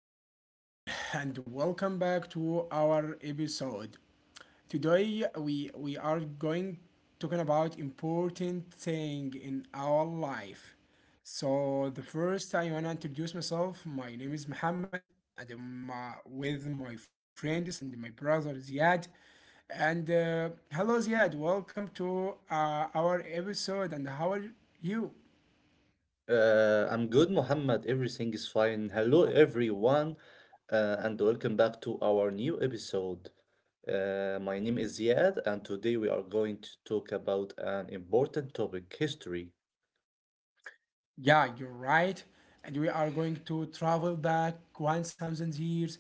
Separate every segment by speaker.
Speaker 1: everyone, and welcome back to our episode. Today, we are going talking about important thing in our life. So, the first I wanna introduce myself. My name is Mohammed, and I'm with my friends and my brother Ziad. And hello, Ziad. Welcome to our episode. And how are you?
Speaker 2: I'm good, Mohammed. Everything is fine. Hello, everyone, and welcome back to our new episode. My name is Ziad, and today we are going to talk about an important topic history.
Speaker 1: Yeah, you're right. And we are going to travel back 1,000 years,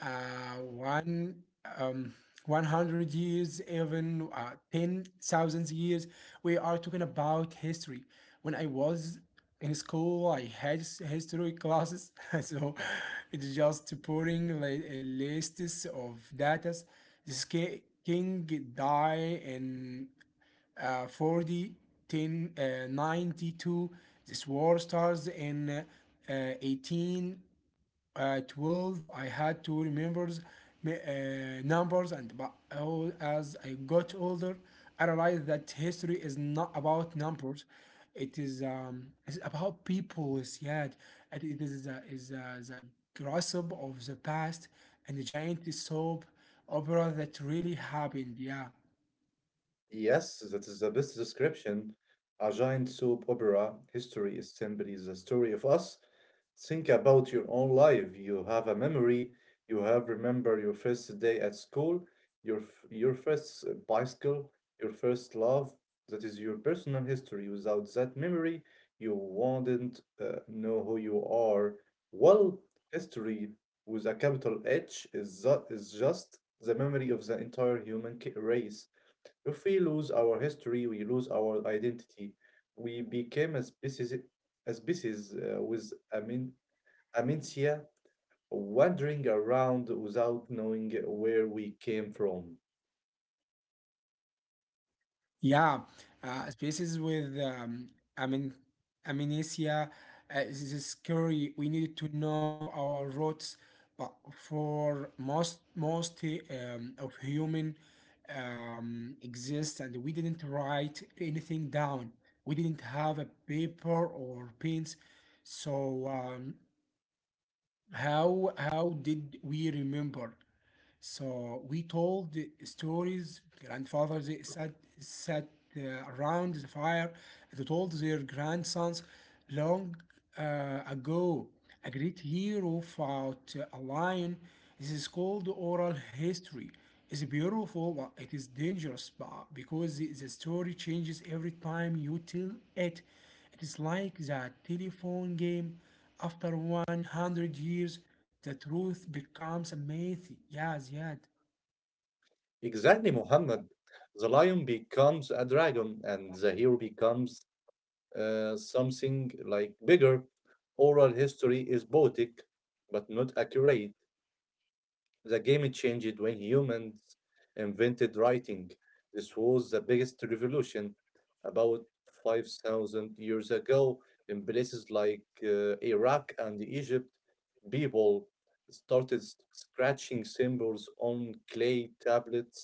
Speaker 1: uh, one, um, 100 years, even 10,000 years. We are talking about history. When I was in school, I had history classes. So it's just putting like a list of datas. This king died in 40, 10, 92. This war starts in uh, uh, I had to remember uh, numbers, and but as I got older, I realized that history is not about numbers. It is it's about people. Yeah, and it is the gossip of the past and the giant soap opera that really happened. Yeah.
Speaker 2: Yes, that is the best description. A giant soap opera. History is simply the story of us. Think about your own life. You have a memory. You have remember your first day at school, your first bicycle, your first love. That is your personal history. Without that memory, you wouldn't know who you are. Well, history with a capital H is, is just the memory of the entire human race. If we lose our history, we lose our identity. We became a species with amnesia, wandering around without knowing where we came from.
Speaker 1: Yeah, spaces with amen, amnesia. Uh, this is scary. We need to know our roots, but for most of human exist, and we didn't write anything down. We didn't have a paper or pens, so how did we remember? So we told the stories. Grandfather they sat uh, around the fire. They told their grandsons long ago a great hero fought a lion. This is called oral history. It's beautiful, but it is dangerous but because the story changes every time you tell it. It is like the telephone game. After 100 years, the truth becomes a myth. Yeah,
Speaker 2: Exactly, Muhammad. The lion becomes a dragon, and the hero becomes something like bigger. Oral history is poetic, but not accurate. The game changed when humans invented writing. This was the biggest revolution about 5,000 years ago in places like Iraq and Egypt. People started scratching symbols on clay tablets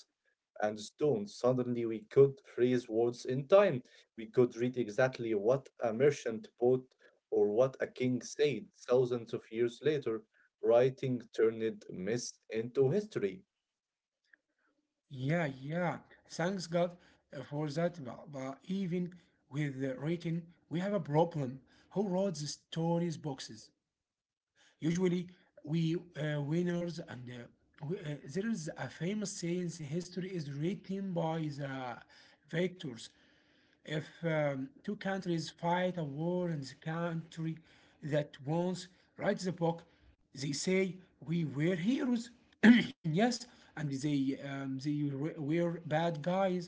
Speaker 2: and stones. Suddenly, we could freeze words in time. We could read exactly what a merchant bought or what a king said thousands of years later writing turned myths into history.
Speaker 1: yeah, yeah. Thanks God for that. But even with the writing, we have a problem. Who wrote the stories boxes? Usually, we winners and uh, there is a famous saying: "History is written by the victors." If two countries fight a war and the country that wins writes the book, they say we were heroes, yes, and they were bad guys.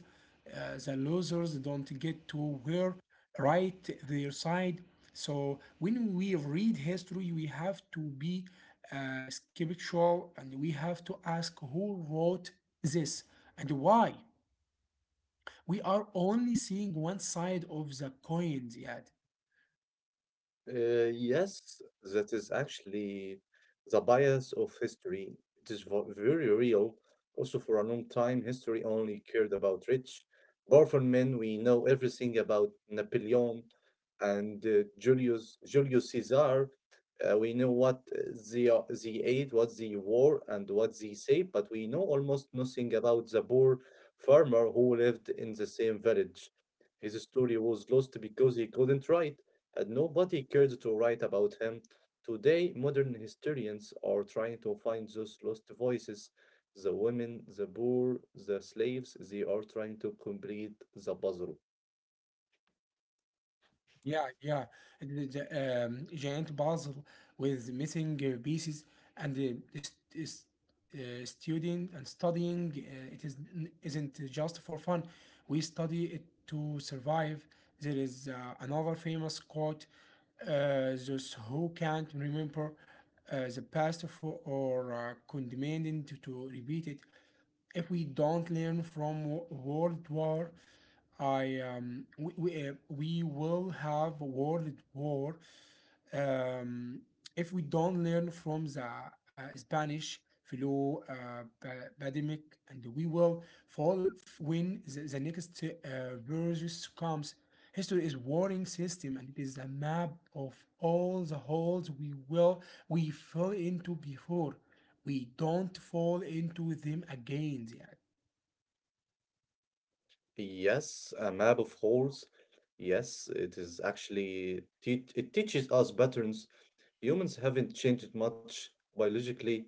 Speaker 1: The losers don't get to wear right their side. So when we read history, we have to be skeptical and we have to ask who wrote this and why we are only seeing one side of the coin, Ziad.
Speaker 2: Yes, that is actually the bias of history. It is very real. Also, for a long time, history only cared about rich, powerful men. We know everything about Napoleon and Julius Caesar. We know what they ate, what they wore, and what they say, but we know almost nothing about the poor farmer who lived in the same village. His story was lost because he couldn't write and nobody cared to write about him. Today, modern historians are trying to find those lost voices the women, the poor, the slaves. They are trying to complete the puzzle.
Speaker 1: Yeah, yeah. The giant puzzle with missing pieces and the is, studying, it is isn't just for fun. We study it to survive. There is another famous quote: "Those who can't remember the past for, or condemned to repeat it." If we don't learn from World War I, we will have World War um, if we don't learn from the Spanish flu pandemic, and we will fall when the the next virus comes. History is warning system, and it is a map of all the holes we fell into before. We don't fall into them again. Yeah.
Speaker 2: Yes, a map of holes. Yes, it is actually, it teaches us patterns humans haven't changed much biologically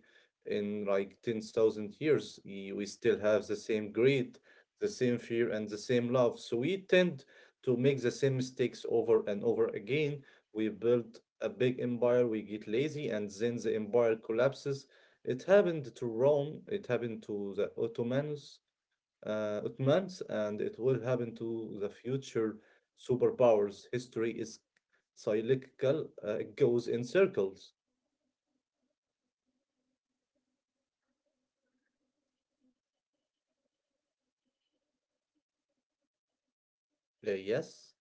Speaker 2: in like 10,000 years. We still have the same greed, the same fear, and the same love. So we tend to make the same mistakes over and over again. We build a big empire, we get lazy, and then the empire collapses. It happened to Rome, it happened to the Ottomans, Ottomans, and it will happen to the future superpowers. History is cyclical; it goes in circles. Yes,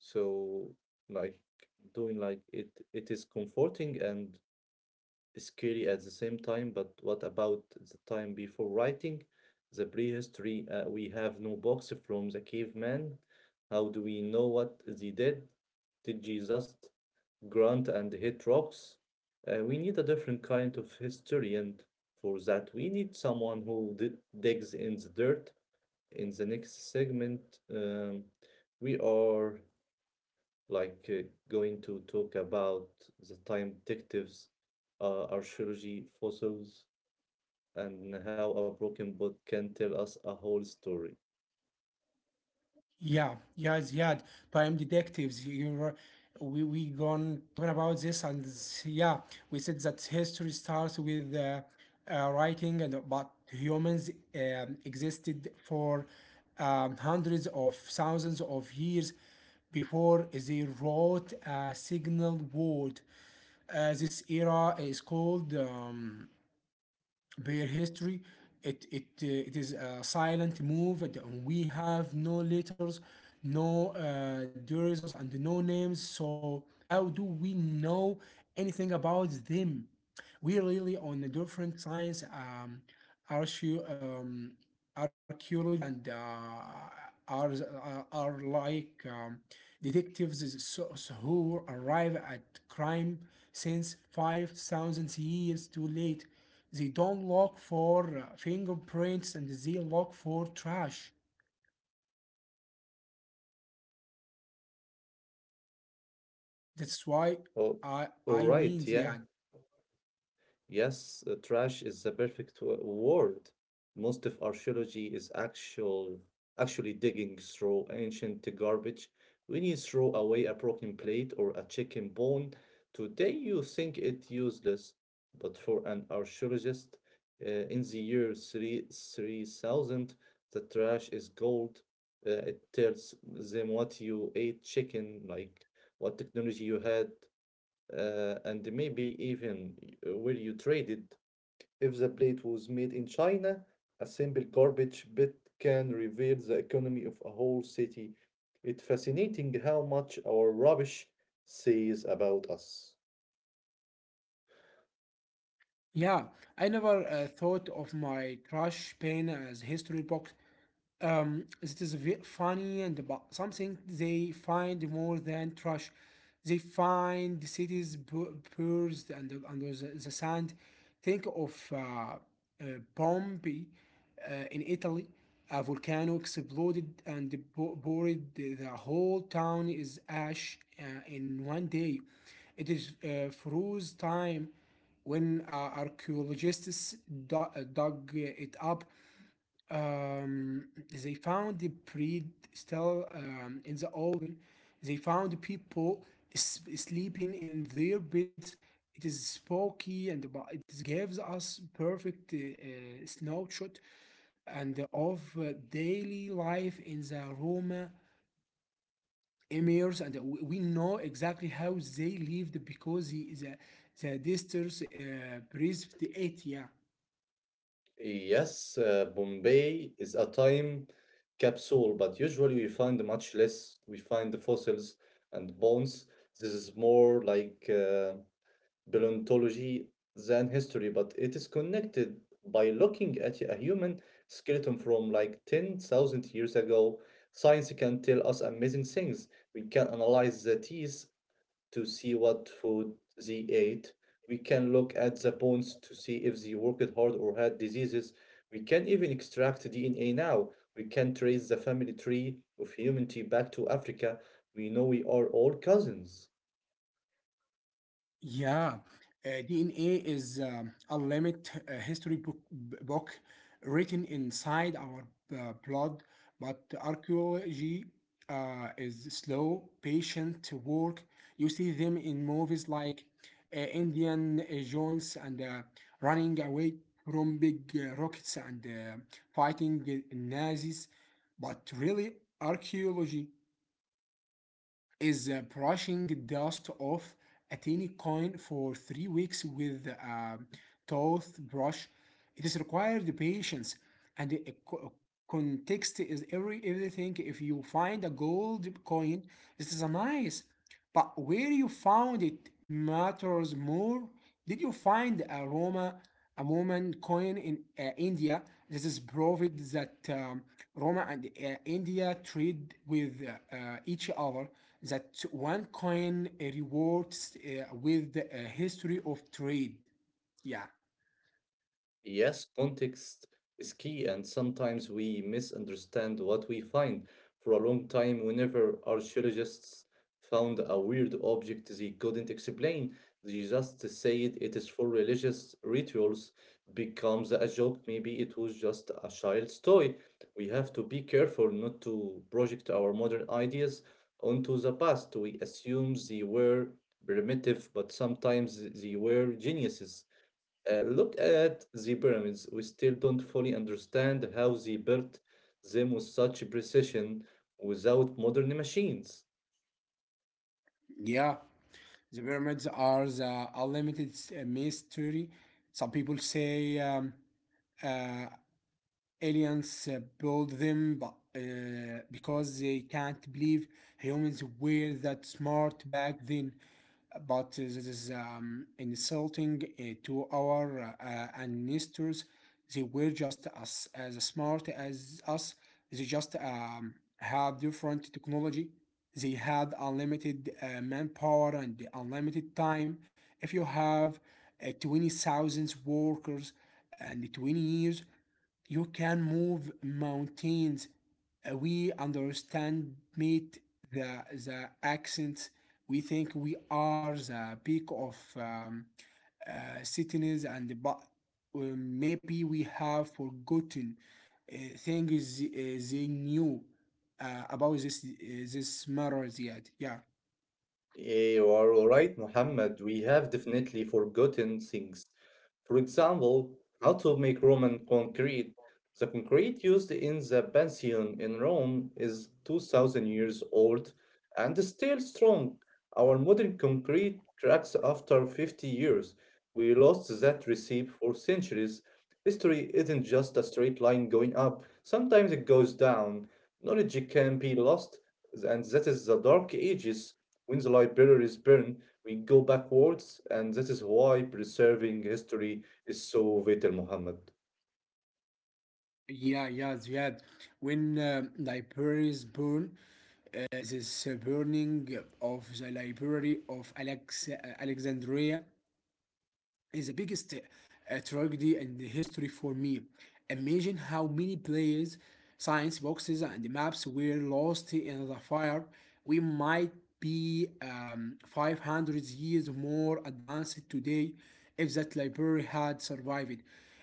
Speaker 2: so like doing like it is comforting and scary at the same time. But what about the time before writing? The prehistory, we have no books from the caveman. How do we know what they did? Did Jesus grunt and hit rocks. We need a different kind of history, and for that, we need someone who digs in the dirt. In the next segment, um, we are like uh, going to talk about the time detectives, archaeology, fossils, and how a broken boat can tell us a whole story.
Speaker 1: Yeah, yeah, Ziad, Prime Detectives. We gone talking about this, and yeah, we said that history starts with writing, and but humans existed for hundreds of thousands of years before they wrote a signal word. This era is called. Their history. It it is a silent move. And we have no letters, no derivatives, and no names. So how do we know anything about them? We really on a different science, archae- um, archaeology, and are like detectives so who arrive at crime since 5,000 years too late. They don't look for fingerprints and they look for trash. That's why
Speaker 2: Oh,
Speaker 1: I
Speaker 2: all
Speaker 1: I
Speaker 2: right,
Speaker 1: mean
Speaker 2: yeah.
Speaker 1: yeah.
Speaker 2: Yes, trash is the perfect word. Most of archaeology is actually digging through ancient garbage. When you throw away a broken plate or a chicken bone, today you think it useless, but for an archaeologist, in the year three thousand, the trash is gold. It tells them what you ate chicken, like what technology you had, and maybe even where you trade it. If the plate was made in China, a simple garbage bit can reveal the economy of a whole city. It's fascinating how much our rubbish says about us.
Speaker 1: Yeah, I never thought of my trash bin as history box. It is funny and about something they find more than trash. They find the cities purged and under the the, sand. Think of Pompeii in Italy. A volcano exploded and buried the whole town is ash in 1 day. It is froze time when archaeologists dug it up um, they found the breed still in the open. They found people sleeping in their beds. It is spooky and it gives us perfect snapshot and of daily life in the Roma emirs, and we know exactly how they lived because the distance breathed it. Yeah.
Speaker 2: Yes, Bombay is a time capsule, but usually we find much less. We find the fossils and bones. This is more like paleontology than history, but it is connected by looking at a human skeleton from like 10,000 years ago. Science can tell us amazing things. We can analyze the teeth to see what food they ate. We can look at the bones to see if they worked hard or had diseases. We can even extract DNA now. We can trace the family tree of humanity back to Africa. We know we are all cousins.
Speaker 1: Yeah, DNA is a limit history book, book written inside our blood, but archaeology is slow, patient work. You see them in movies like Indian Jones and running away from big rockets and fighting the Nazis, but really archaeology is brushing dust off a tiny coin for 3 weeks with a toothbrush. It is required patience and a context is everything. If you find a gold coin, it is a nice, but where you found it matters more. Did you find a Roma a Roman coin in India? This is proved that Roma and India trade with each other. That one coin rewards with the history of trade. Yeah,
Speaker 2: Yes, context is key, and sometimes we misunderstand what we find. For a long time, whenever archaeologists found a weird object they couldn't explain, they just said it is for religious rituals, becomes a joke. Maybe it was just a child's toy. We have to be careful not to project our modern ideas onto the past. We assume they were primitive, but sometimes they were geniuses. Look at the pyramids. We still don't fully understand how they built them with such precision without modern machines.
Speaker 1: yeah. The pyramids are the unlimited mystery. Some people say uh, aliens built them but, because they can't believe humans were that smart back then. But this is insulting to our ancestors. They were just as as, smart as us. They just had different technology. They had unlimited manpower and unlimited time. If you have 20,000 workers and 20 years, you can move mountains. We understand meet the accents. We think we are the peak of cities and but maybe we have forgotten things they knew about this this matter yet. Yeah.
Speaker 2: Eh, you are alright, Muhammad. We have definitely forgotten things. For example, how to make Roman concrete. The concrete used in the Pantheon in Rome is 2000 years old and still strong. Our modern concrete cracks after 50 years. We lost that recipe for centuries. History isn't just a straight line going up, sometimes it goes down. Knowledge can be lost, and that is the Dark Ages. When the library is burned, we go backwards, and that is why preserving history is so vital, Muhammad.
Speaker 1: Yeah, yeah, Ziad. When libraries burn, the burning of the library of Alexandria is the biggest tragedy in the history for me. Imagine how many players, science boxes, and maps were lost in the fire. We might be 500 years more advanced today if that library had survived.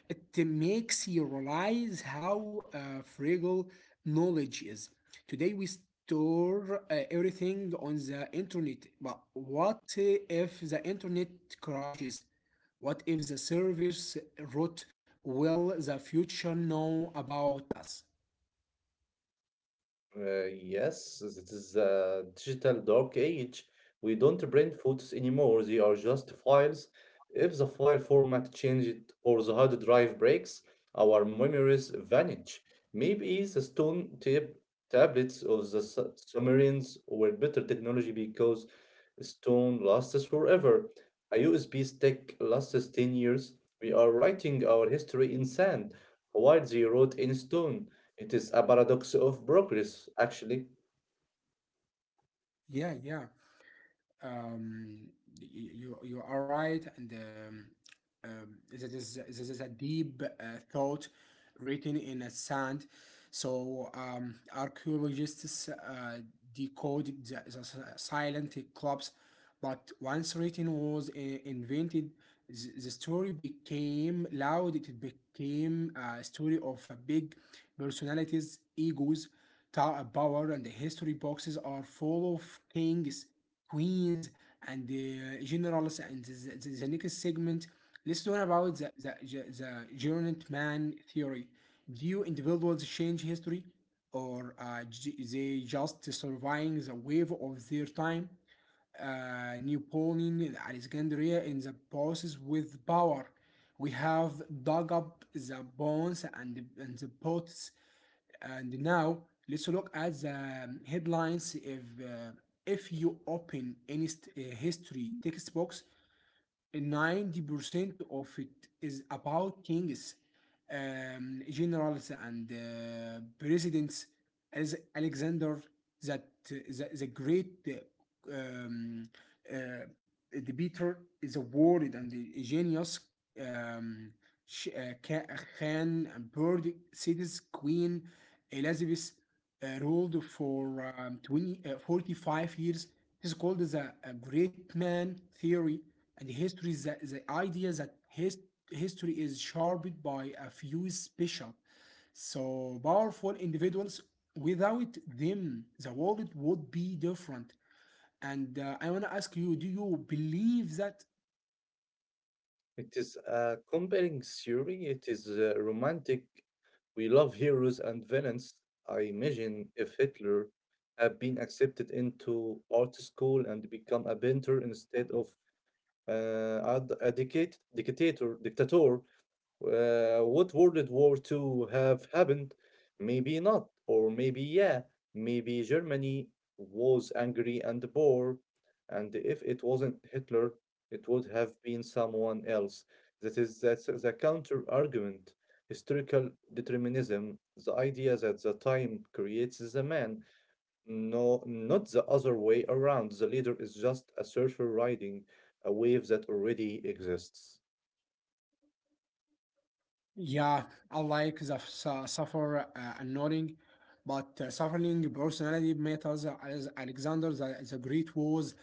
Speaker 1: It makes you realize how fragile knowledge is. Today we store everything on the internet, but what if the internet crashes? What if the service route will the future know about us?
Speaker 2: Yes, it is a digital dark age. We don't print photos anymore, they are just files. If the file format changed or the hard drive breaks, our memories vanish. Maybe the stone tape tablets or the submarines were better technology because stone lasts forever. A USB stick lasts 10 years. We are writing our history in sand, while they wrote in stone. It is a paradox of progress, actually.
Speaker 1: Yeah, yeah. Um, you you are right, and that is this is a deep thought written in a sand. So archaeologists decoded the silent clubs. But once writing was invented, the story became loud. It became a story of a big personalities, egos, power, and the history boxes are full of kings, queens, and generals. And the next segment, let's talk about the giant man theory. Do individuals change history? Or they just surviving the wave of their time Napoleon Alexandria in the process with power. We have dug up the bones and the pots, and now let's look at the headlines. If you open any history textbooks, 90% of it is about kings, generals, and presidents, as Alexander that the great uh, debater is a worried and the genius um, Sh- uh, Khan, Bird, Cities, Queen, Elizabeth, ruled for 45 years. This called the great man theory. And history is the the idea that history is shaped by a few special, so powerful individuals. Without them, the world would be different. And I want to ask you do you believe that?
Speaker 2: It is a compelling theory. It is romantic. We love heroes and villains. I imagine if Hitler had been accepted into art school and become a painter instead of a dictator. Would World War Two have happened? Maybe not, or maybe yeah. Maybe Germany was angry and poor, and if it wasn't Hitler, it would have been someone else. That's the counter argument. Historical determinism, the idea that the time creates the man, no, not the other way around. The leader is just a surfer riding a wave that already exists.
Speaker 1: Yeah, I like the suffer and nodding, but suffering personality matters as Alexander the the, Great was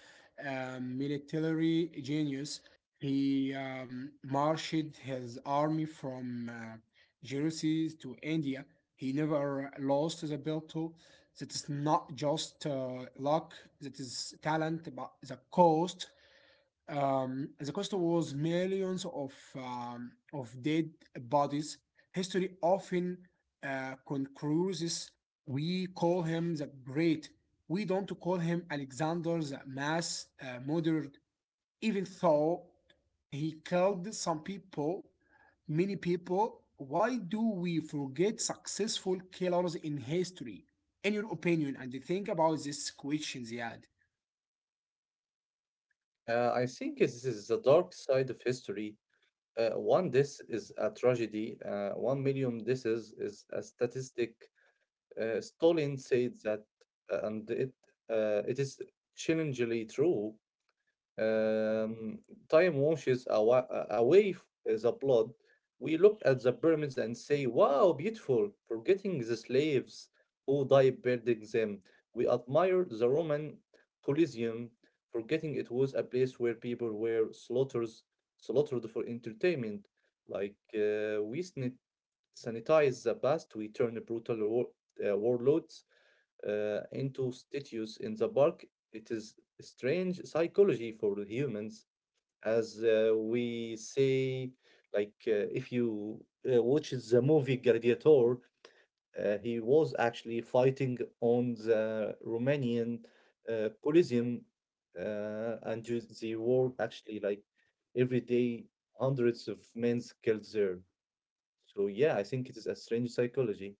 Speaker 1: a military genius. He marshaled his army from Jerusalem to India. He never lost the battle. That is not just luck, that is talent, but the cost. The cost was millions of dead bodies. History often concludes. We call him the Great. We don't call him Alexander the Mass Murderer even though he killed some people, many people, why do we forget successful killers in history? In your opinion, and think about this question, Ziad.
Speaker 2: I think this is the dark side of history. One death is a tragedy. 1 million deaths is a statistic. Stalin said that, and it is challengingly true. Um, Time washes away the blood. We look at the pyramids and say, wow, beautiful, forgetting the slaves who died building them. We admire the Roman Colosseum, forgetting it was a place where people were slaughtered, slaughtered for entertainment. We sanitize the past, we turn brutal warlords into statues in the park. It is strange psychology for humans, as we say, if you watch the movie Gladiator, he was actually fighting on the Romanian Coliseum, and they were actually like every day hundreds of men killed there. So yeah, I think it is a strange psychology.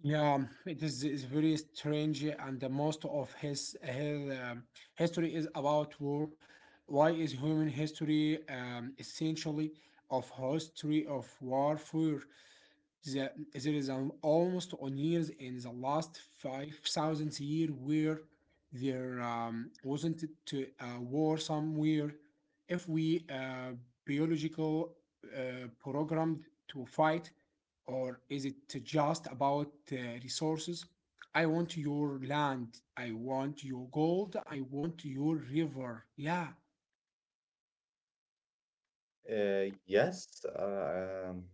Speaker 1: Yeah, it is very strange, and the most of his history is about war. Why is human history essentially of history of warfare? There is an almost on years in the last 5,000 year where there wasn't to a war somewhere. If we biological programmed to fight, or is it to just about resources? I want your land. I want your gold. I want your river. Yeah,
Speaker 2: Yes,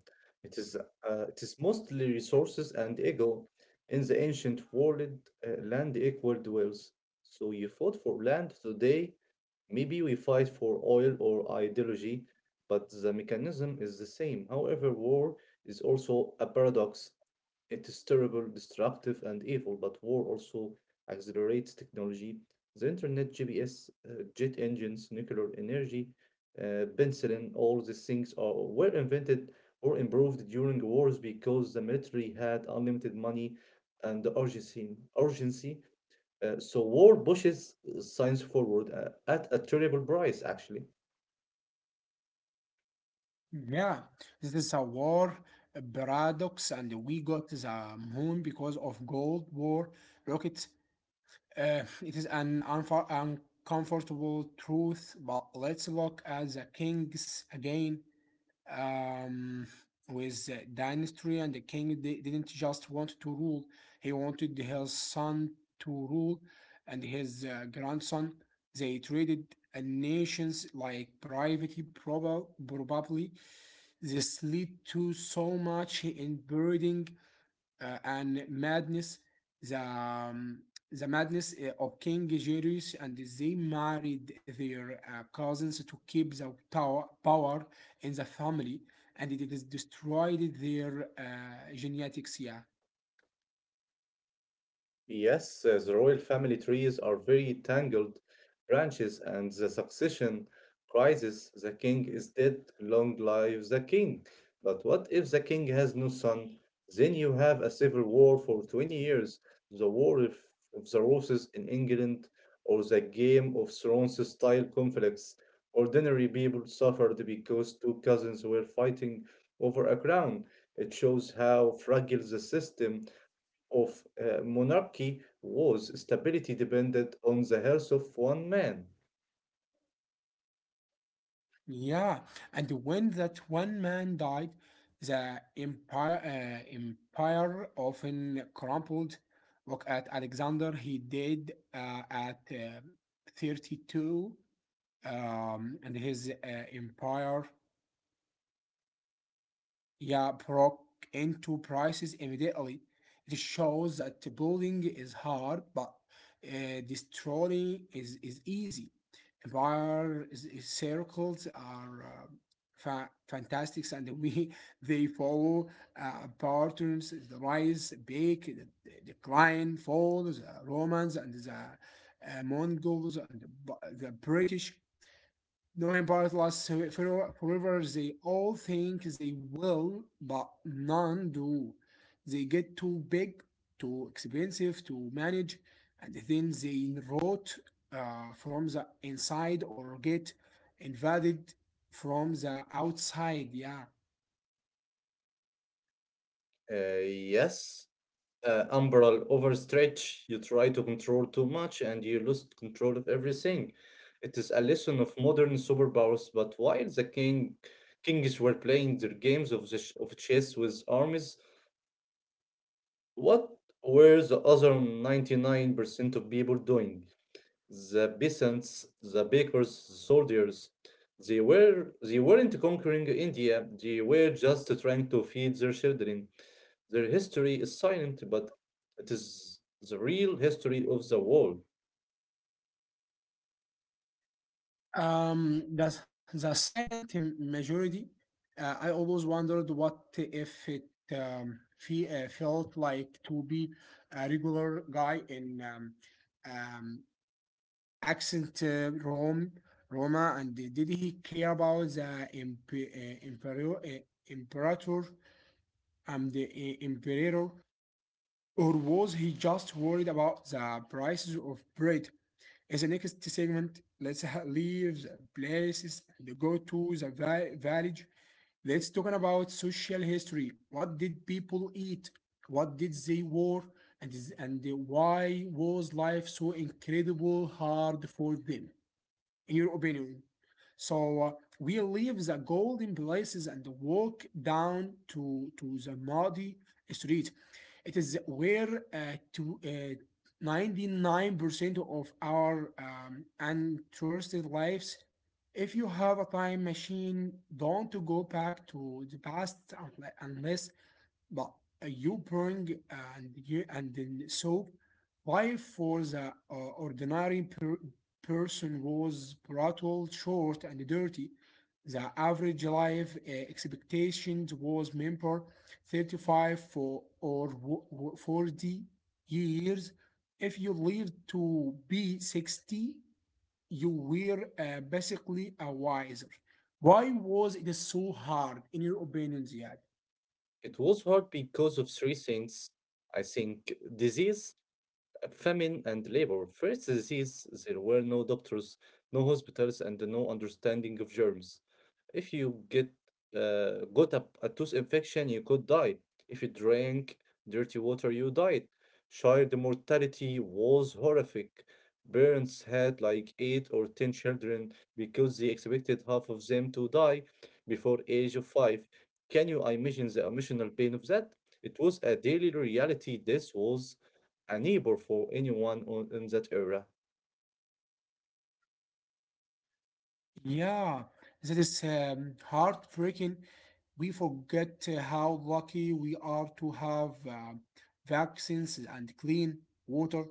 Speaker 2: it is. It is mostly resources and ego. In the ancient world, land equaled wealth. So you fought for land. Today, maybe we fight for oil or ideology, but the mechanism is the same. However, war is also a paradox. It is terrible, destructive, and evil, but war also accelerates technology. The internet, GPS, jet engines, nuclear energy, penicillin, all these things were invented or improved during wars because the military had unlimited money and the urgency. So war pushes science forward at a terrible price, actually.
Speaker 1: Yeah, this is a paradox, and we got the moon because of Gold War rockets. It is an uncomfortable truth, but let's look at the kings again, um, with the dynasty and the king. They didn't just want to rule, he wanted his son to rule and his grandson. They traded nations like privately, probably. This led to so much inbreeding and madness, the um, the madness of King Julius, and they married their cousins to keep the power in the family, and it is destroyed their genetics. Yeah,
Speaker 2: Yes, the royal family trees are very tangled branches, and the succession crisis. The king is dead, long live the king. But what if the king has no son? Then you have a civil war for 20 years, the War of the Roses in England, or the Game of Thrones style conflicts. Ordinary people suffered because two cousins were fighting over a crown. It shows how fragile the system of monarchy was stability depended on the health of one man.
Speaker 1: yeah. And when that one man died, the empire often crumpled. Look at Alexander; he died at 32, and his empire, yeah, broke into prices immediately. It shows that building is hard, but destroying is easy. Empire is circles are fantastic, and we they follow patterns: the rise, bake, the decline, fall, the Romans and the Mongols and the British. Knowing Bartlas forever, they all think they will, but none do. They get too big, too expensive to manage, and then they rot from the inside or get invaded from the outside. Yeah.
Speaker 2: Yes, umbral overstretch, you try to control too much and you lose control of everything. It is a lesson of modern superpowers, but while the king kings were playing their games of chess with armies, what were the other 99% of people doing? The peasants, the bakers, the soldiers, they weren't conquering India. They were just trying to feed their children. Their history is silent, but it is the real history of the world.
Speaker 1: The the, silent majority. I always wondered what if it felt like to be a regular guy in um, accent Rome, Roma. And did he care about the imperial, imperator and the emperor, or was he just worried about the prices of bread? In the next segment, let's leave the places and go to the village. Let's talk about social history. What did people eat? What did they wear? And why was life so incredibly hard for them, in your opinion? So we leave the golden places and walk down to the muddy street. It is where to 99% of our uninterested lives. If you have a time machine, don't go back to the past unless, but you bring and you and then soap. Why, for the ordinary person, was brutal, short, and dirty. The average life expectations was member 35 or 40 years. If you lived to be 60, you were basically a wiser. Why was it so hard, in your opinion, Ziad?
Speaker 2: It was hard because of three things, I think: disease, famine and labor. First disease, there were no doctors, no hospitals, and no understanding of germs. If you get got a tooth infection, you could die. If you drank dirty water, you died. Child mortality was horrific. Parents had like eight or ten children because they expected half of them to die before age of five. Can you imagine the emotional pain of that? It was a daily reality. This was a neighbor for anyone in that area.
Speaker 1: Yeah, that is heartbreaking. We forget how lucky we are to have vaccines and clean water.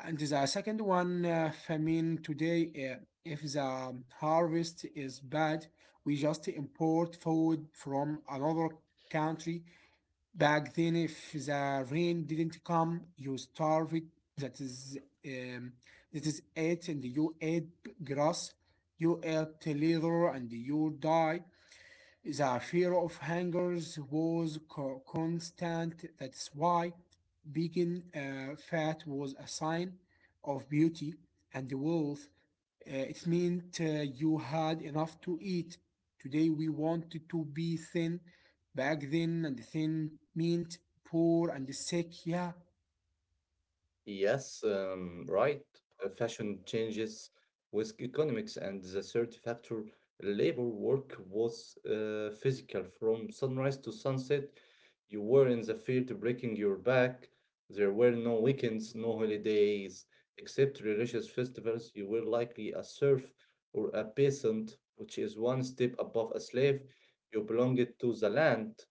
Speaker 1: And the second one, famine. Today, if the harvest is bad, we just import food from another country. Back then, if the rain didn't come, you starved. That is, um, that is it, and you ate grass, you ate leather, and you died. The fear of hangers was constant. That's why being fat was a sign of beauty and wealth. It meant you had enough to eat. Today we wanted to be thin. Back then, and thin meant poor and sick. Yeah.
Speaker 2: Yes, right. Fashion changes with economics and the third factor, labor work was physical. From sunrise to sunset, you were in the field breaking your back. There were no weekends, no holidays, except religious festivals. You were likely a serf or a peasant, which is one step above a slave. You belonged to the land.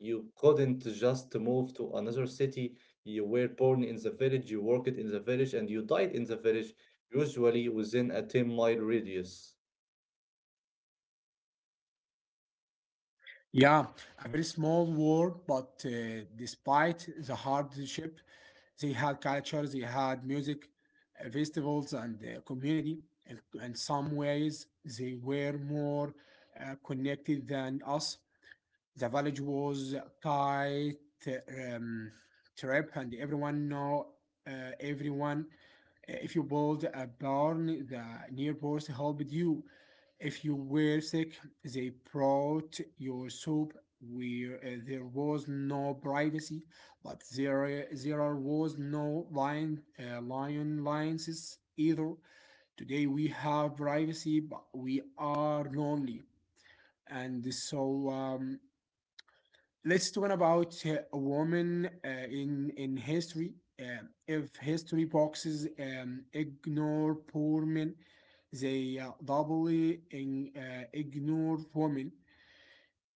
Speaker 2: You couldn't just move to another city. You were born in the village, you worked in the village, and you died in the village, usually within a 10-mile mile radius.
Speaker 1: Yeah, a very small world, but despite the hardship, they had culture, they had music, festivals, and community. And in some ways, they were more connected than us. The village was tight, um, trip, and everyone know everyone. If you build a barn, the neighbors helped you. If you were sick, they brought your soup. Where there was no privacy, but there was no line, lions either. Today we have privacy, but we are lonely, and so. Let's talk about a woman in history. If history boxes ignore poor men, they doubly ignore women.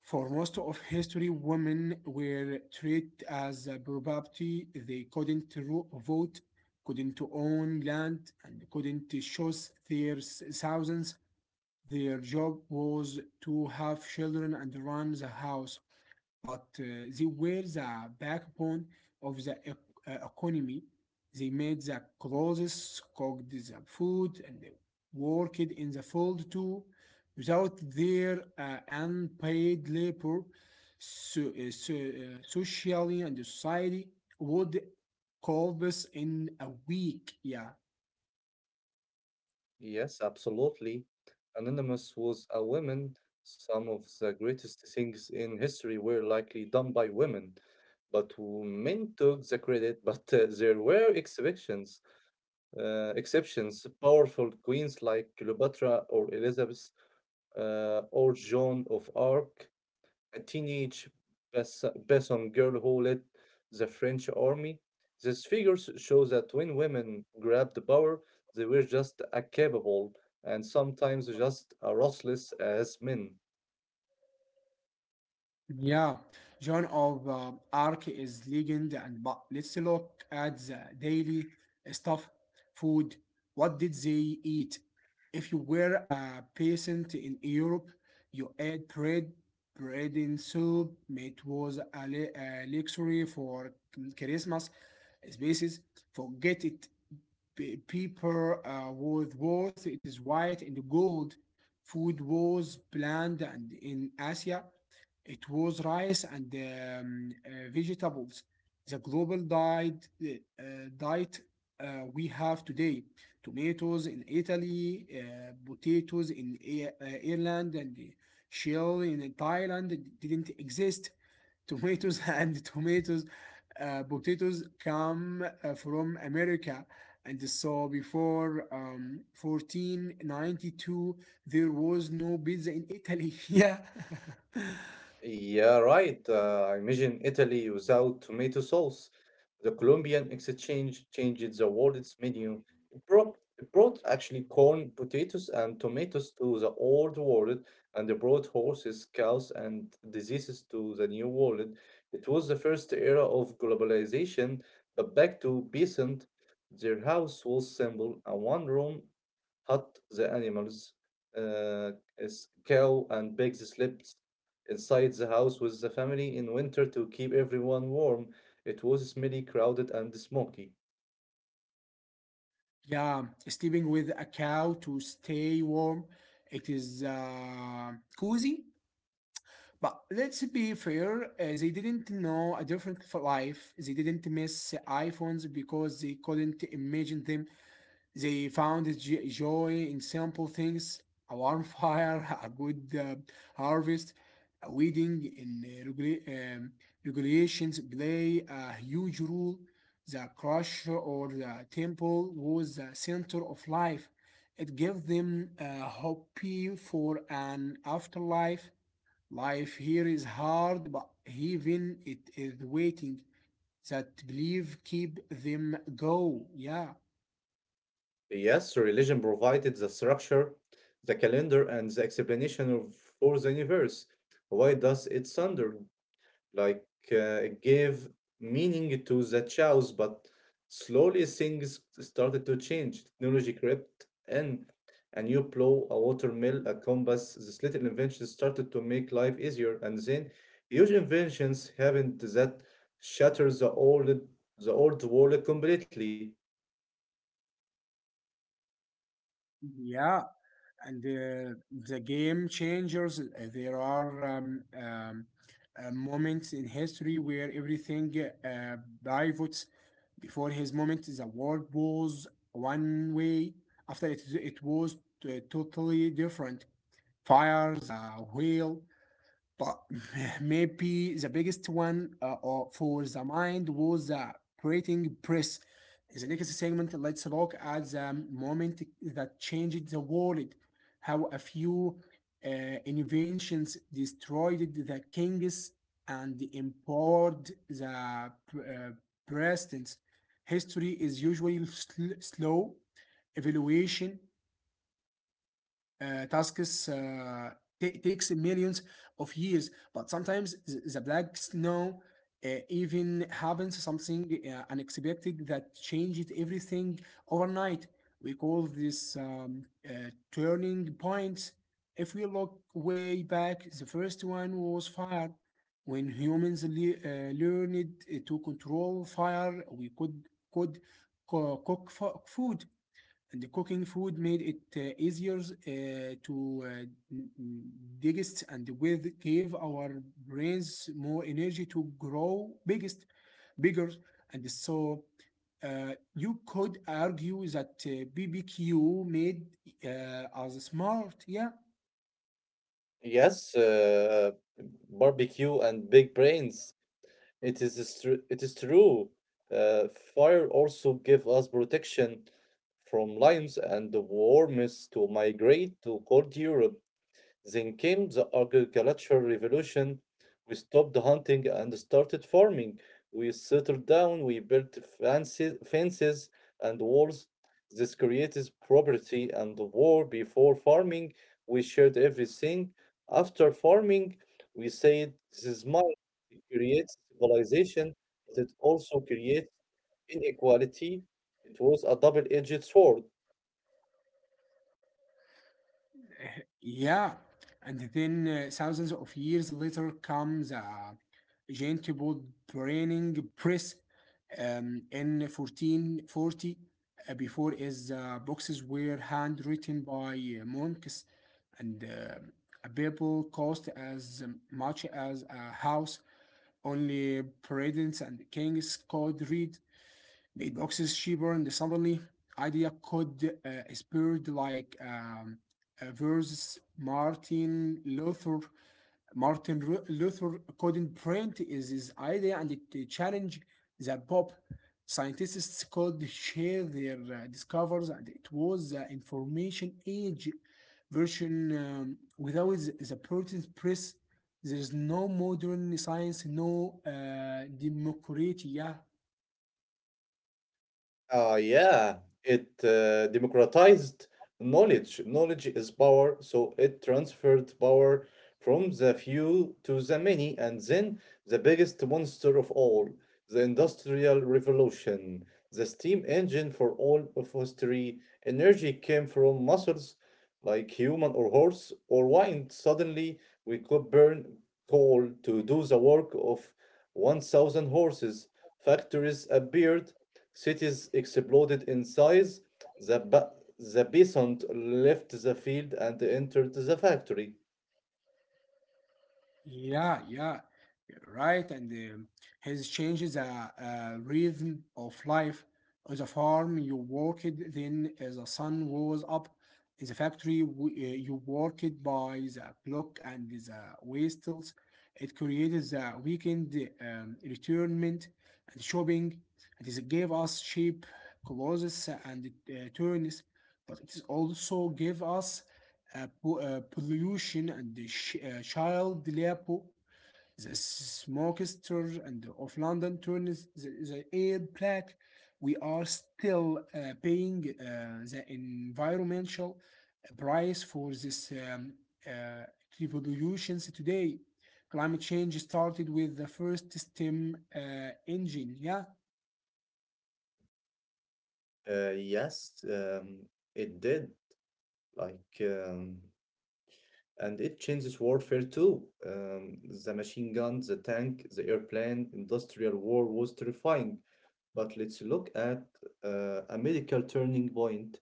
Speaker 1: For most of history, women were treated as a property. They couldn't vote, couldn't own land, and couldn't choose their thousands. Their job was to have children and run the house, but they were the backbone of the economy. They made the clothes, cooked the food, and they worked in the field too. Without their unpaid labor, so, so, socially and society would collapse in a week. Yeah.
Speaker 2: Yes, absolutely. Anonymous was a woman. Some of the greatest things in history were likely done by women, but men took the credit. But there were exceptions. Exceptions. Powerful queens like Cleopatra or Elizabeth, or Joan of Arc, a teenage Besson girl who led the French army. These figures show that when women grabbed the power, they were just as capable and sometimes just as ruthless, as men.
Speaker 1: Yeah, Joan of Arc is legend, and but let's look at the daily stuff, food. What did they eat? If you were a peasant in Europe, you ate bread, bread and soup. It was a a luxury for Christmas spaces. Forget paper, was worth it is white and gold. Food was planned. And in Asia, it was rice and vegetables. The global diet we have today, tomatoes in Italy, potatoes in Ireland, and shell in Thailand didn't exist. Tomatoes and tomatoes, potatoes come from America. And so before 1492, there was no pizza in Italy. Yeah.
Speaker 2: Yeah, right. I imagine Italy without tomato sauce. The Colombian exchange changed the world's menu. It brought actually corn, potatoes, and tomatoes to the old world, and it brought horses, cows, and diseases to the new world. It was the first era of globalization, but back to peasant, their house was simple, a one room hut the animals. Uh, is cow and pigs slept inside the house with the family in winter to keep everyone warm. It was smelly, crowded, and smoky.
Speaker 1: Yeah, sleeping with a cow to stay warm. It is cozy. But let's be fair, they didn't know a different life. They didn't miss iPhones because they couldn't imagine them. They found joy in simple things, a warm fire, a good harvest, a wedding in regulations play a huge role. The crush or the temple was the center of life. It gave them a hope for an afterlife. Life here is hard, but heaven it is waiting. That belief keep them go. Yeah.
Speaker 2: Yes, religion provided the structure, the calendar, and the explanation for the universe. Why does it thunder? Like, gave meaning to the chows, but slowly things started to change. Technology crept in, a new plow, a watermill, a compass. These little inventions started to make life easier, and then huge inventions happened that shattered the old world completely.
Speaker 1: Yeah, and the game changers, there are moments in history where everything uh, pivots. Before his moment the world was one way, after it, it was totally different, fires, a wheel. But maybe the biggest one for the mind was the printing press. In the next segment, let's look at the moment that changed the world, how a few uh, inventions destroyed the kings and empowered the presidents. History is usually slow evaluation, tasks takes millions of years, but sometimes the black snow even happens, something unexpected that changed everything overnight. We call this turning point. If we look way back, the first one was fire. When humans learned to control fire, we could cook food, and the cooking food made it easier to digest, and with gave our brains more energy to grow biggest bigger, and so you could argue that bbq made us smart. Yeah.
Speaker 2: Yes, barbecue and big brains. It is is it is true. Uh, Fire also give us protection from lions and the warmest to migrate to cold Europe. Then came the agricultural revolution. We stopped hunting and started farming. We settled down, we built fences and walls. This created property and war. Before farming, we shared everything. After farming, we said, This is mine. It creates civilization, but it also creates inequality. It was a double edged sword.
Speaker 1: Yeah, and then thousands of years later comes a Gentibod training press, in 1440. Before his boxes were handwritten by monks, and a Bible cost as much as a house. Only presidents and kings could read it. Boxes cheaper, and suddenly idea could spread like versus Martin Luther. Martin Luther couldn't print is his idea, and it challenged the Pope. Scientists could share their discoveries, and it was the information age version. Without the printing press, there is no modern science, no democracy. Yeah.
Speaker 2: Yeah, it democratized knowledge. Knowledge is power, so it transferred power from the few to the many, and then the biggest monster of all, the Industrial Revolution, the steam engine for all of history. Energy came from muscles like human or horse or wine. Suddenly, we could burn coal to do the work of 1,000 horses. Factories appeared. Cities exploded in size. The, ba- the peasant left the field and entered the factory.
Speaker 1: Yeah, yeah, right. And his changes the rhythm of life. On the farm you worked, then as the sun rose up. In the factory you worked by the clock and the waistles. It created the weekend, retirement, and shopping. And it gave us cheap clothes and turns, but it is also gave us pollution and child labor. The smokester and of London turns the air black. We are still paying the environmental price for this uh, revolutions today. Climate change started with the first steam engine. Yeah,
Speaker 2: Yes, it did. Like, and it changes warfare too. The machine gun, the tank, the airplane, industrial war was terrifying. But let's look at, a medical turning point.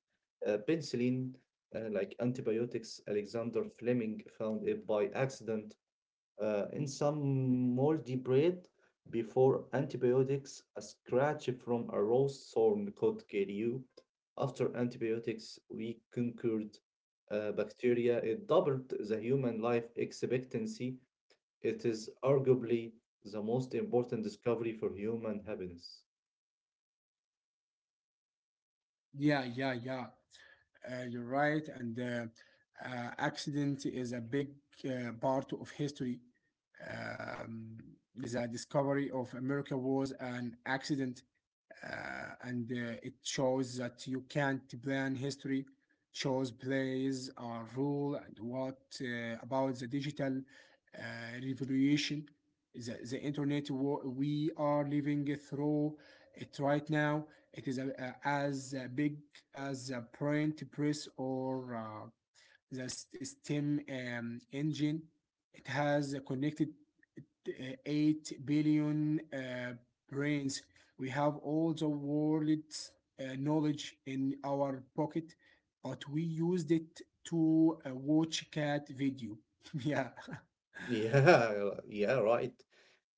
Speaker 2: Penicillin, like antibiotics, Alexander Fleming found it by accident, in some moldy bread. Before antibiotics, a scratch from a rose thorn could kill you. After antibiotics, we conquered, bacteria. It doubled the human life expectancy. It is arguably the most important discovery for human happiness.
Speaker 1: yeah. You're right, and accident is a big part of history. Um, the discovery of America was an accident, uh, and it shows that you can't plan history, shows plays or rule. And what about the digital uh, revolution, the internet? We are living through it right now. It is as big as a print press or the steam engine. It has connected uh, 8 billion brains. We have all the world's knowledge in our pocket, but we used it to watch cat video. Yeah.
Speaker 2: Yeah, yeah, right.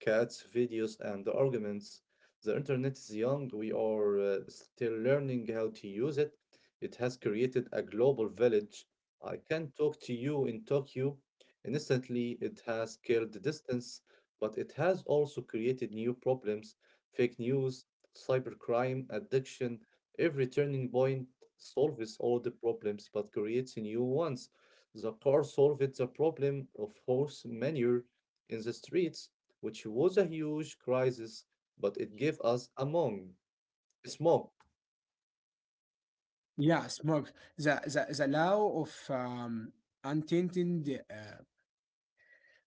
Speaker 2: Cats, videos, and arguments. The internet is young. We are still learning how to use it. It has created a global village. I can talk to you in Tokyo. Instantly, it has killed the distance, but it has also created new problems, fake news, cybercrime, addiction. Every turning point solves all the problems but creates new ones. The car solved the problem of horse manure in the streets, which was a huge crisis, but it gave us a mong, smoke.
Speaker 1: Yeah, smug. The, the law of unintended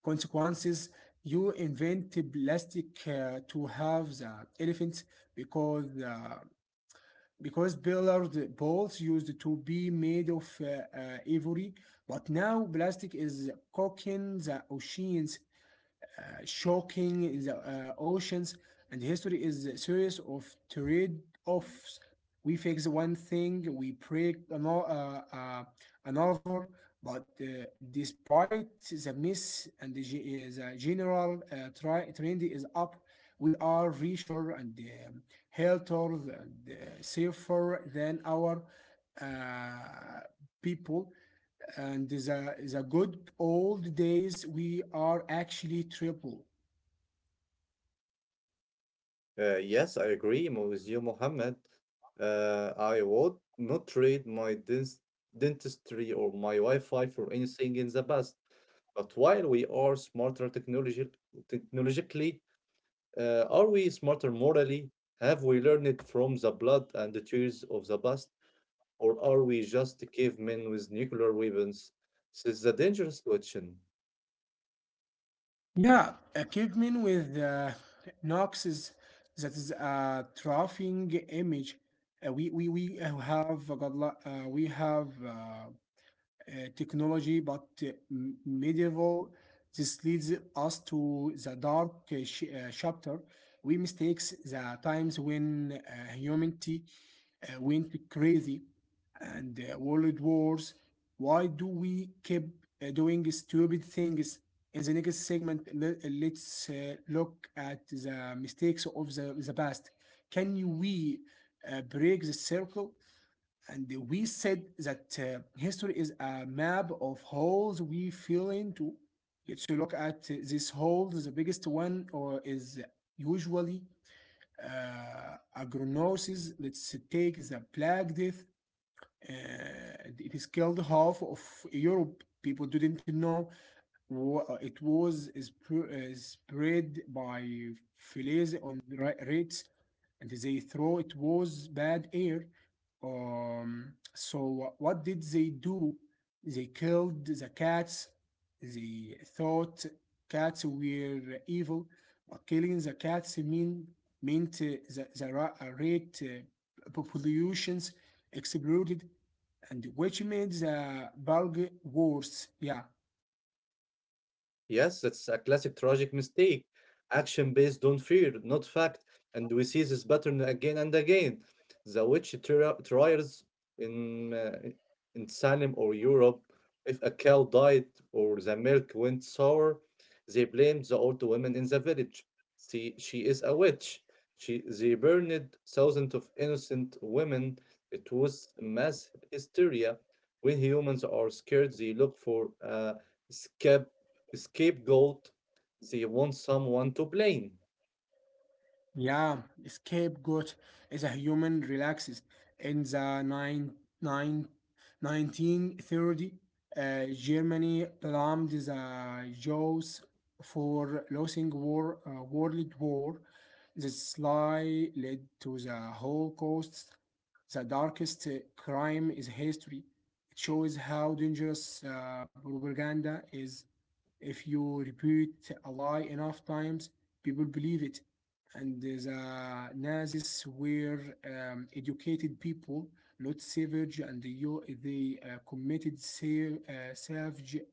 Speaker 1: consequences. You invent plastic to have the elephants, because uh, because billiard balls used to be made of ivory, but now plastic is cooking the oceans, shocking the oceans. And history is a series of trade-offs. We fix one thing, we break another, but despite the miss and the general trend is up, we are richer and um, healthier and safer than our uh, people. And the good old days, we are actually triple.
Speaker 2: Yes, I agree with you, Mohammed. I would not trade my dentistry or my Wi-Fi for anything in the past. But while we are smarter technologically, are we smarter morally? Have we learned it from the blood and the tears of the past? Or are we just cavemen with nuclear weapons? This is a dangerous question.
Speaker 1: Yeah, a caveman with Knox's, that is a troughing image. We have got lo- we have technology, but medieval. This leads us to the dark chapter. We mistakes the times when humanity went crazy and world wars. Why do we keep doing stupid things? In the next segment, let's look at the mistakes of the past. Can we break the circle? And we said that history is a map of holes we fell into. Let's look at these holes. The biggest one or is usually agronosis. Let's take the plague death. It has killed half of Europe. People didn't know it was spread by fleas on rates, and they throw it was bad air. So what did they do? They killed the cats. They thought cats were evil, but killing the cats mean meant the ra- rate populations exploded, and which made the bug worse. Yeah.
Speaker 2: Yes, that's a classic tragic mistake. Action based on fear, not fact, and we see this pattern again and again. The witch trials in uh, in Salem or Europe, if a cow died or the milk went sour, they blamed the old woman in the village. See, she is a witch. She they burned thousands of innocent women. It was mass hysteria. When humans are scared, they look for a escape scapegoat, they want someone to blame.
Speaker 1: Yeah, scapegoat is a human relaxes in the nine, 1930. 1930. Germany blamed the Jews for losing war, World War. This lie led to the Holocaust, the darkest crime in history. It shows how dangerous propaganda is. If you repeat a lie enough times, people believe it. And the Nazis were educated people, not savage, and you, they committed savage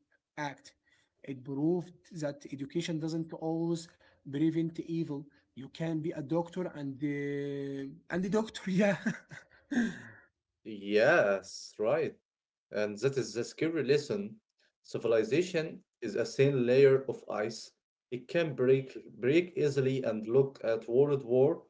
Speaker 1: act. It proved that education doesn't always prevent evil. You can be a doctor and a doctor, yeah.
Speaker 2: Yes, right. And that is the scary lesson. Civilization is a thin layer of ice. It can break easily. And look at World War.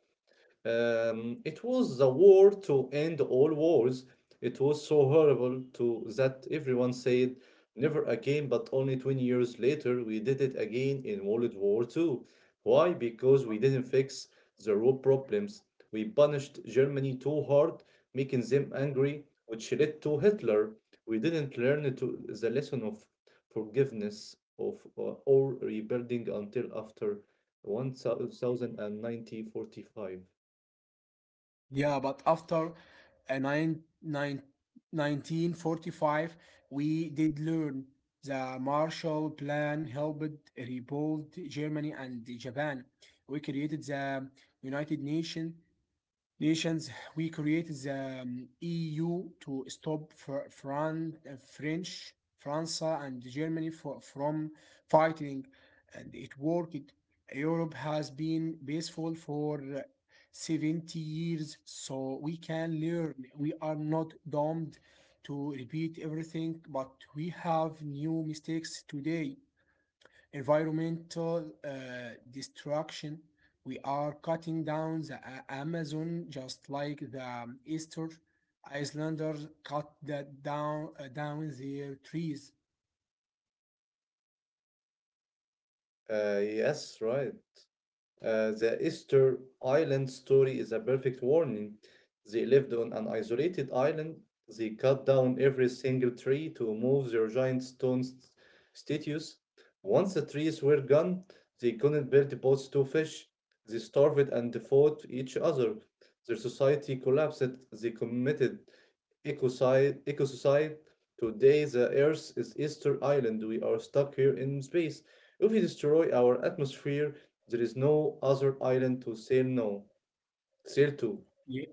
Speaker 2: It was the war to end all wars. It was so horrible to that everyone said never again, but only 20 years later we did it again in World War Two. Why? Because we didn't fix the root problems. We punished Germany too hard, making them angry, which led to Hitler. We didn't learn to the lesson of forgiveness, of or rebuilding until after 1090 45.
Speaker 1: Yeah, but after uh, nine, nine, 1945, we did learn. The Marshall Plan helped rebuild Germany and Japan. We created the United Nations, we created the EU to stop France and Germany from fighting, and it worked. Europe has been peaceful for 70 years, so we can learn. We are not doomed to repeat everything, but we have new mistakes today, environmental destruction. We are cutting down the Amazon just like the Easter Icelanders cut that down down their trees.
Speaker 2: Yes, right. The Easter Island story is a perfect warning. They lived on an isolated island. They cut down every single tree to move their giant stone statues. Once the trees were gone, they couldn't build boats to fish. They starved and fought each other. Their society collapsed. They committed ecocide. Today, the Earth is Easter Island. We are stuck here in space. If we destroy our atmosphere, there is no other island to sail no sail to.
Speaker 1: Ye-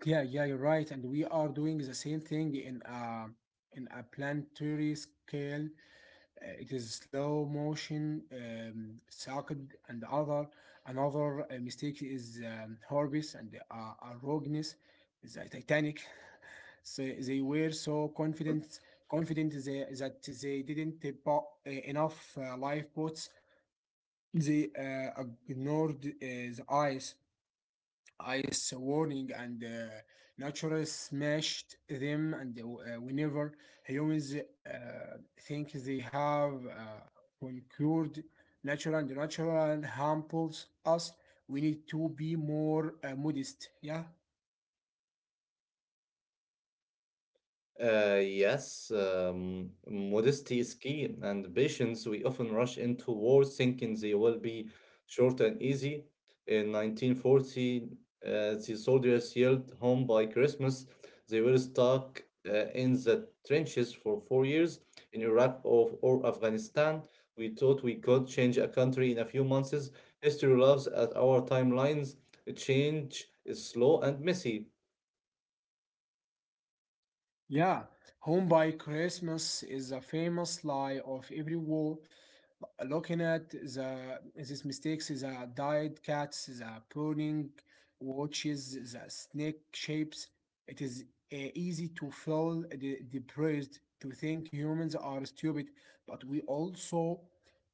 Speaker 1: Yeah, yeah, you're right. And we are doing the same thing in a planetary scale. It is slow motion saccade, and other another mistake is Horbis and arrogance. The Titanic. So they were so confident that they didn't buy enough lifeboats. They ignored the ice ice warning, and nature smashed them. And whenever humans think they have conquered nature, and natural humbles us, we need to be more modest, yeah.
Speaker 2: Yes, modesty is key, and patience. We often rush into wars thinking they will be short and easy. In 1940, the soldiers yelled home by Christmas. They were stuck, in the trenches for 4 years in Iraq or Afghanistan. We thought we could change a country in a few months. History loves at our timelines. Change is slow and messy.
Speaker 1: Yeah, home by Christmas is a famous lie of every war. Looking at these mistakes, the dyed cats, the pruning watches, the snake shapes, it is easy to feel depressed, to think humans are stupid, but we also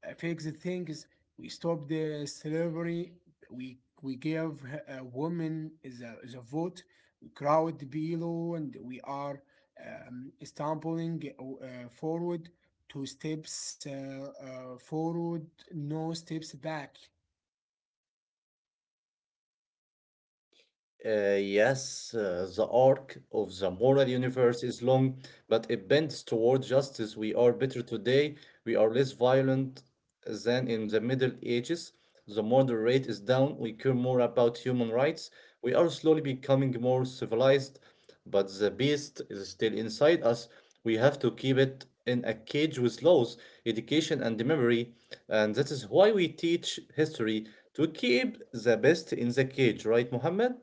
Speaker 1: fix the things. We stop the slavery. We give women the vote. We crowd below, and we are stumbling forward, two steps forward, no steps back.
Speaker 2: Yes, the arc of the moral universe is long, but it bends toward justice. We are better today. We are less violent than in the Middle Ages. The murder rate is down. We care more about human rights. We are slowly becoming more civilized, but the beast is still inside us. We have to keep it in a cage with laws, education, and memory. And that is why we teach history, to keep the best in the cage, right, Mohammed?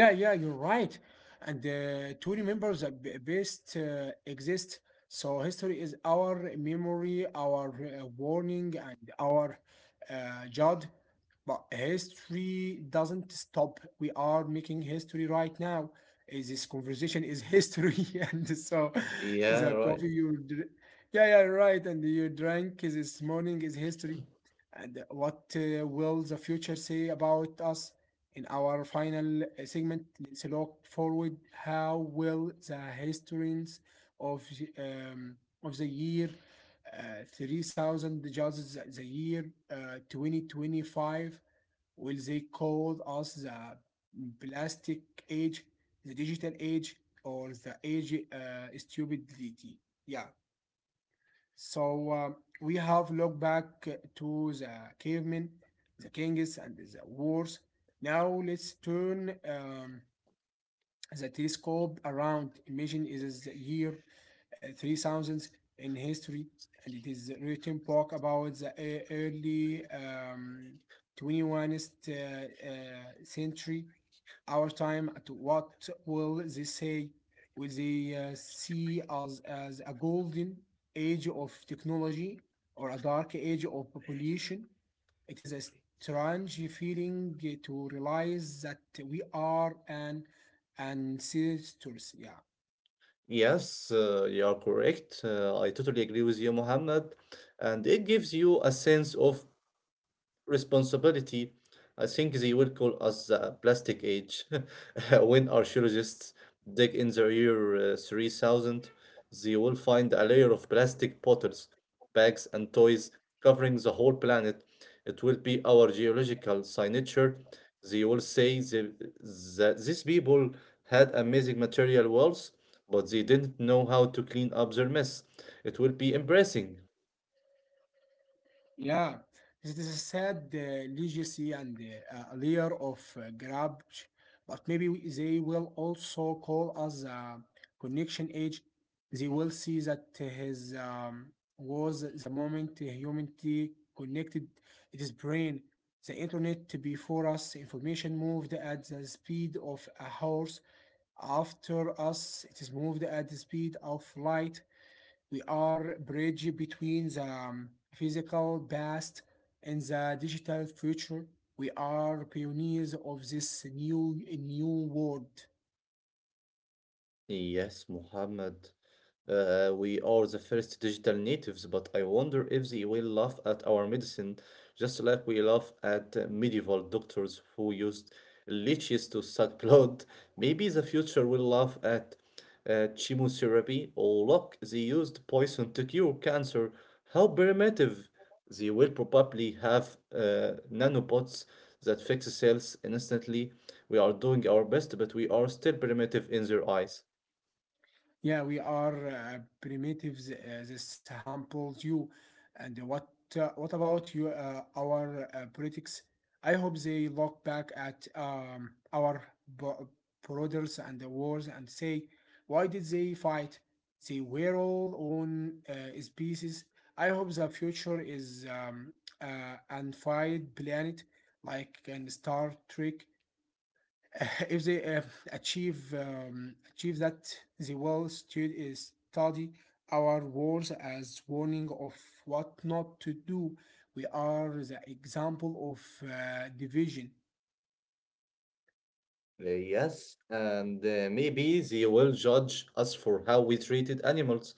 Speaker 1: Yeah, yeah, you're right. And to remember the best exists. So history is our memory, our warning, and our judge. But history doesn't stop. We are making history right now. This conversation is history, and so
Speaker 2: Yeah,
Speaker 1: the
Speaker 2: right.
Speaker 1: yeah, yeah, right, and you drank this morning is history. And what will the future say about us? In our final segment, let's look forward. How will the historians of the, um, of the year 3000 judges the year 2025, will they call us the plastic age, the digital age, or the age stupidity? Yeah. So we have looked back to the cavemen, the kings, and the wars. Now let's turn the telescope around. Imagine is the year 3000 in history, and it is written book about the early 21st century, our time. At what will they say? Will they see us as a golden age of technology or a dark age of population? It is a strange feeling to realize that we are an ancestors. Yeah,
Speaker 2: Yes, you are correct. I totally agree with you, Mohammed. And it gives you a sense of responsibility. I think they will call us the plastic age. When archaeologists dig in the year, 3000, they will find a layer of plastic bottles, bags, and toys covering the whole planet. It will be our geological signature. They will say that these people had amazing material wealth, but they didn't know how to clean up their mess. It will be embarrassing.
Speaker 1: yeah. It is a sad legacy and a layer of garbage, but maybe they will also call us a connection age. They will see that his was the moment humanity connected its brain the internet. Before us, information moved at the speed of a horse. After us, it is moved at the speed of light. We are bridge between the physical past and the digital future. We are pioneers of this new world.
Speaker 2: Yes, Mohammed. We are the first digital natives, but I wonder if they will laugh at our medicine, just like we laugh at, medieval doctors who used leeches to suck blood. Maybe the future will laugh at, chemotherapy, or look, they used poison to cure cancer. How primitive! They will probably have, nanobots that fix cells instantly. We are doing our best, but we are still primitive in their eyes.
Speaker 1: Yeah, we are primitives. This humbles you. And what about you? Our politics? I hope they look back at our bo- borders and the wars and say, why did they fight? They were all on species. I hope the future is unified planet, like in Star Trek. If they achieve that, they will study our words as warning of what not to do. We are the example of division.
Speaker 2: Yes, and maybe they will judge us for how we treated animals.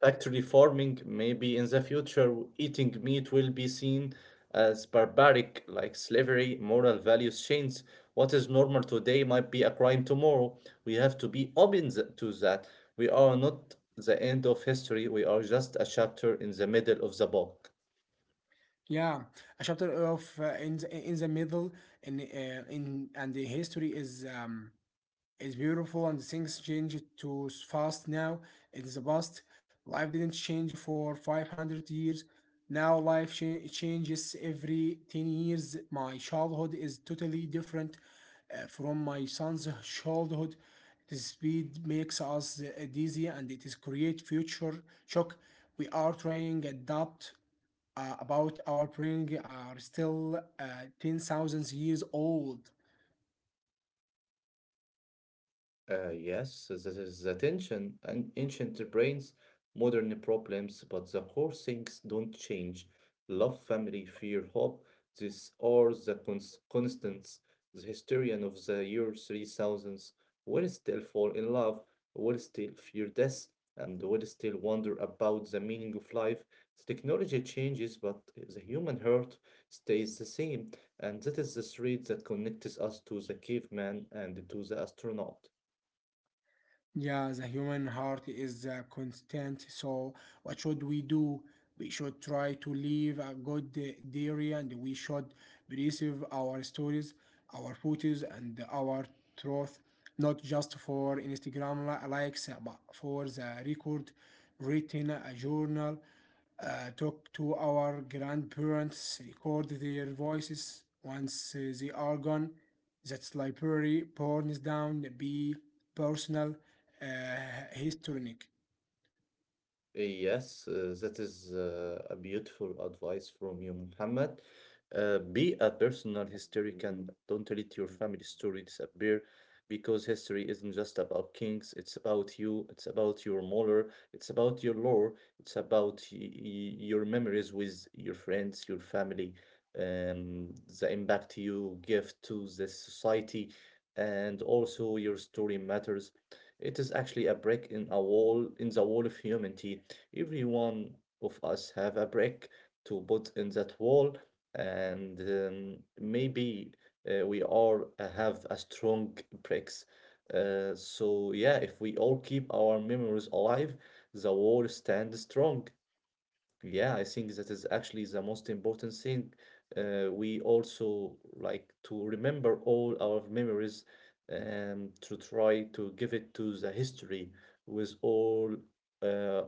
Speaker 2: Factory farming, maybe in the future, eating meat will be seen as barbaric, like slavery. Moral values change. What is normal today might be a crime tomorrow. We have to be open to that. We are not the end of history, we are just a chapter in the middle of the book.
Speaker 1: Yeah, a chapter of in in the middle in and the history is it's beautiful, and things change too fast now. It's the past. Life didn't change for 500 years. Now life changes every 10 years. My childhood is totally different from my son's childhood. The speed makes us dizzy, and it is create future shock. We are trying adapt about our brain are still 10,000 years old.
Speaker 2: Yes, so that is the tension, and ancient brains, modern problems, but the core things don't change. Love, family, fear, hope, these are the constants. The historian of the year 3000 will still fall in love, will still fear death, and will still wonder about the meaning of life. The technology changes, but the human heart stays the same, and that is the thread that connects us to the caveman and to the astronaut.
Speaker 1: Yeah, the human heart is constant. So, what should we do? We should try to live a good diary, and we should preserve our stories, our photos, and our truth, not just for Instagram likes, but for the record, written a journal, talk to our grandparents, record their voices once they are gone. That library, burns down, be personal uh, historic.
Speaker 2: Yes, that is, a beautiful advice from you, Muhammad. Be a personal historian. Don't let your family story disappear, because history isn't just about kings, it's about you, it's about your molar, it's about your lore, it's about your memories with your friends, your family, um, the impact you give to the society, and also your story matters. It is actually a break in the wall of humanity. Every one of us have a brick to put in that wall. And maybe we all have a strong bricks, so yeah, if we all keep our memories alive, the wall stands strong. Yeah, I think that is actually the most important thing. We also like to remember all our memories and to try to give it to the history with all uh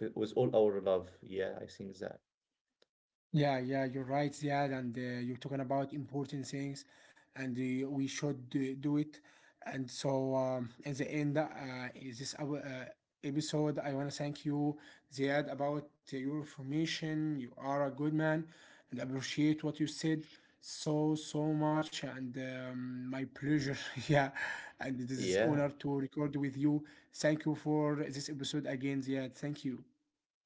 Speaker 2: with all our love. Yeah, I think that.
Speaker 1: Yeah, yeah, you're right, Ziad, and you're talking about important things, and we should do it. And so, at the end, is this our, episode, I want to thank you, Ziad, about your information. You are a good man, and appreciate what you said so much. And my pleasure, yeah. And it is
Speaker 2: Yeah.
Speaker 1: honor to record with you. Thank you for this episode again, Ziad. Thank you.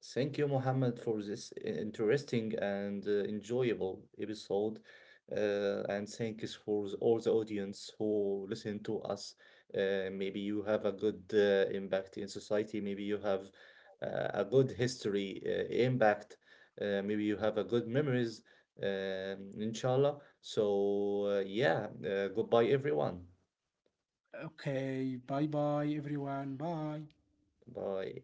Speaker 2: Thank you, Mohammed, for this interesting and enjoyable episode. And thanks for all the audience who listen to us. Maybe you have a good, impact in society. Maybe you have, a good history, impact. Maybe you have a good memories. Inshallah. So yeah, goodbye everyone.
Speaker 1: Okay, bye bye everyone. Bye.
Speaker 2: Bye.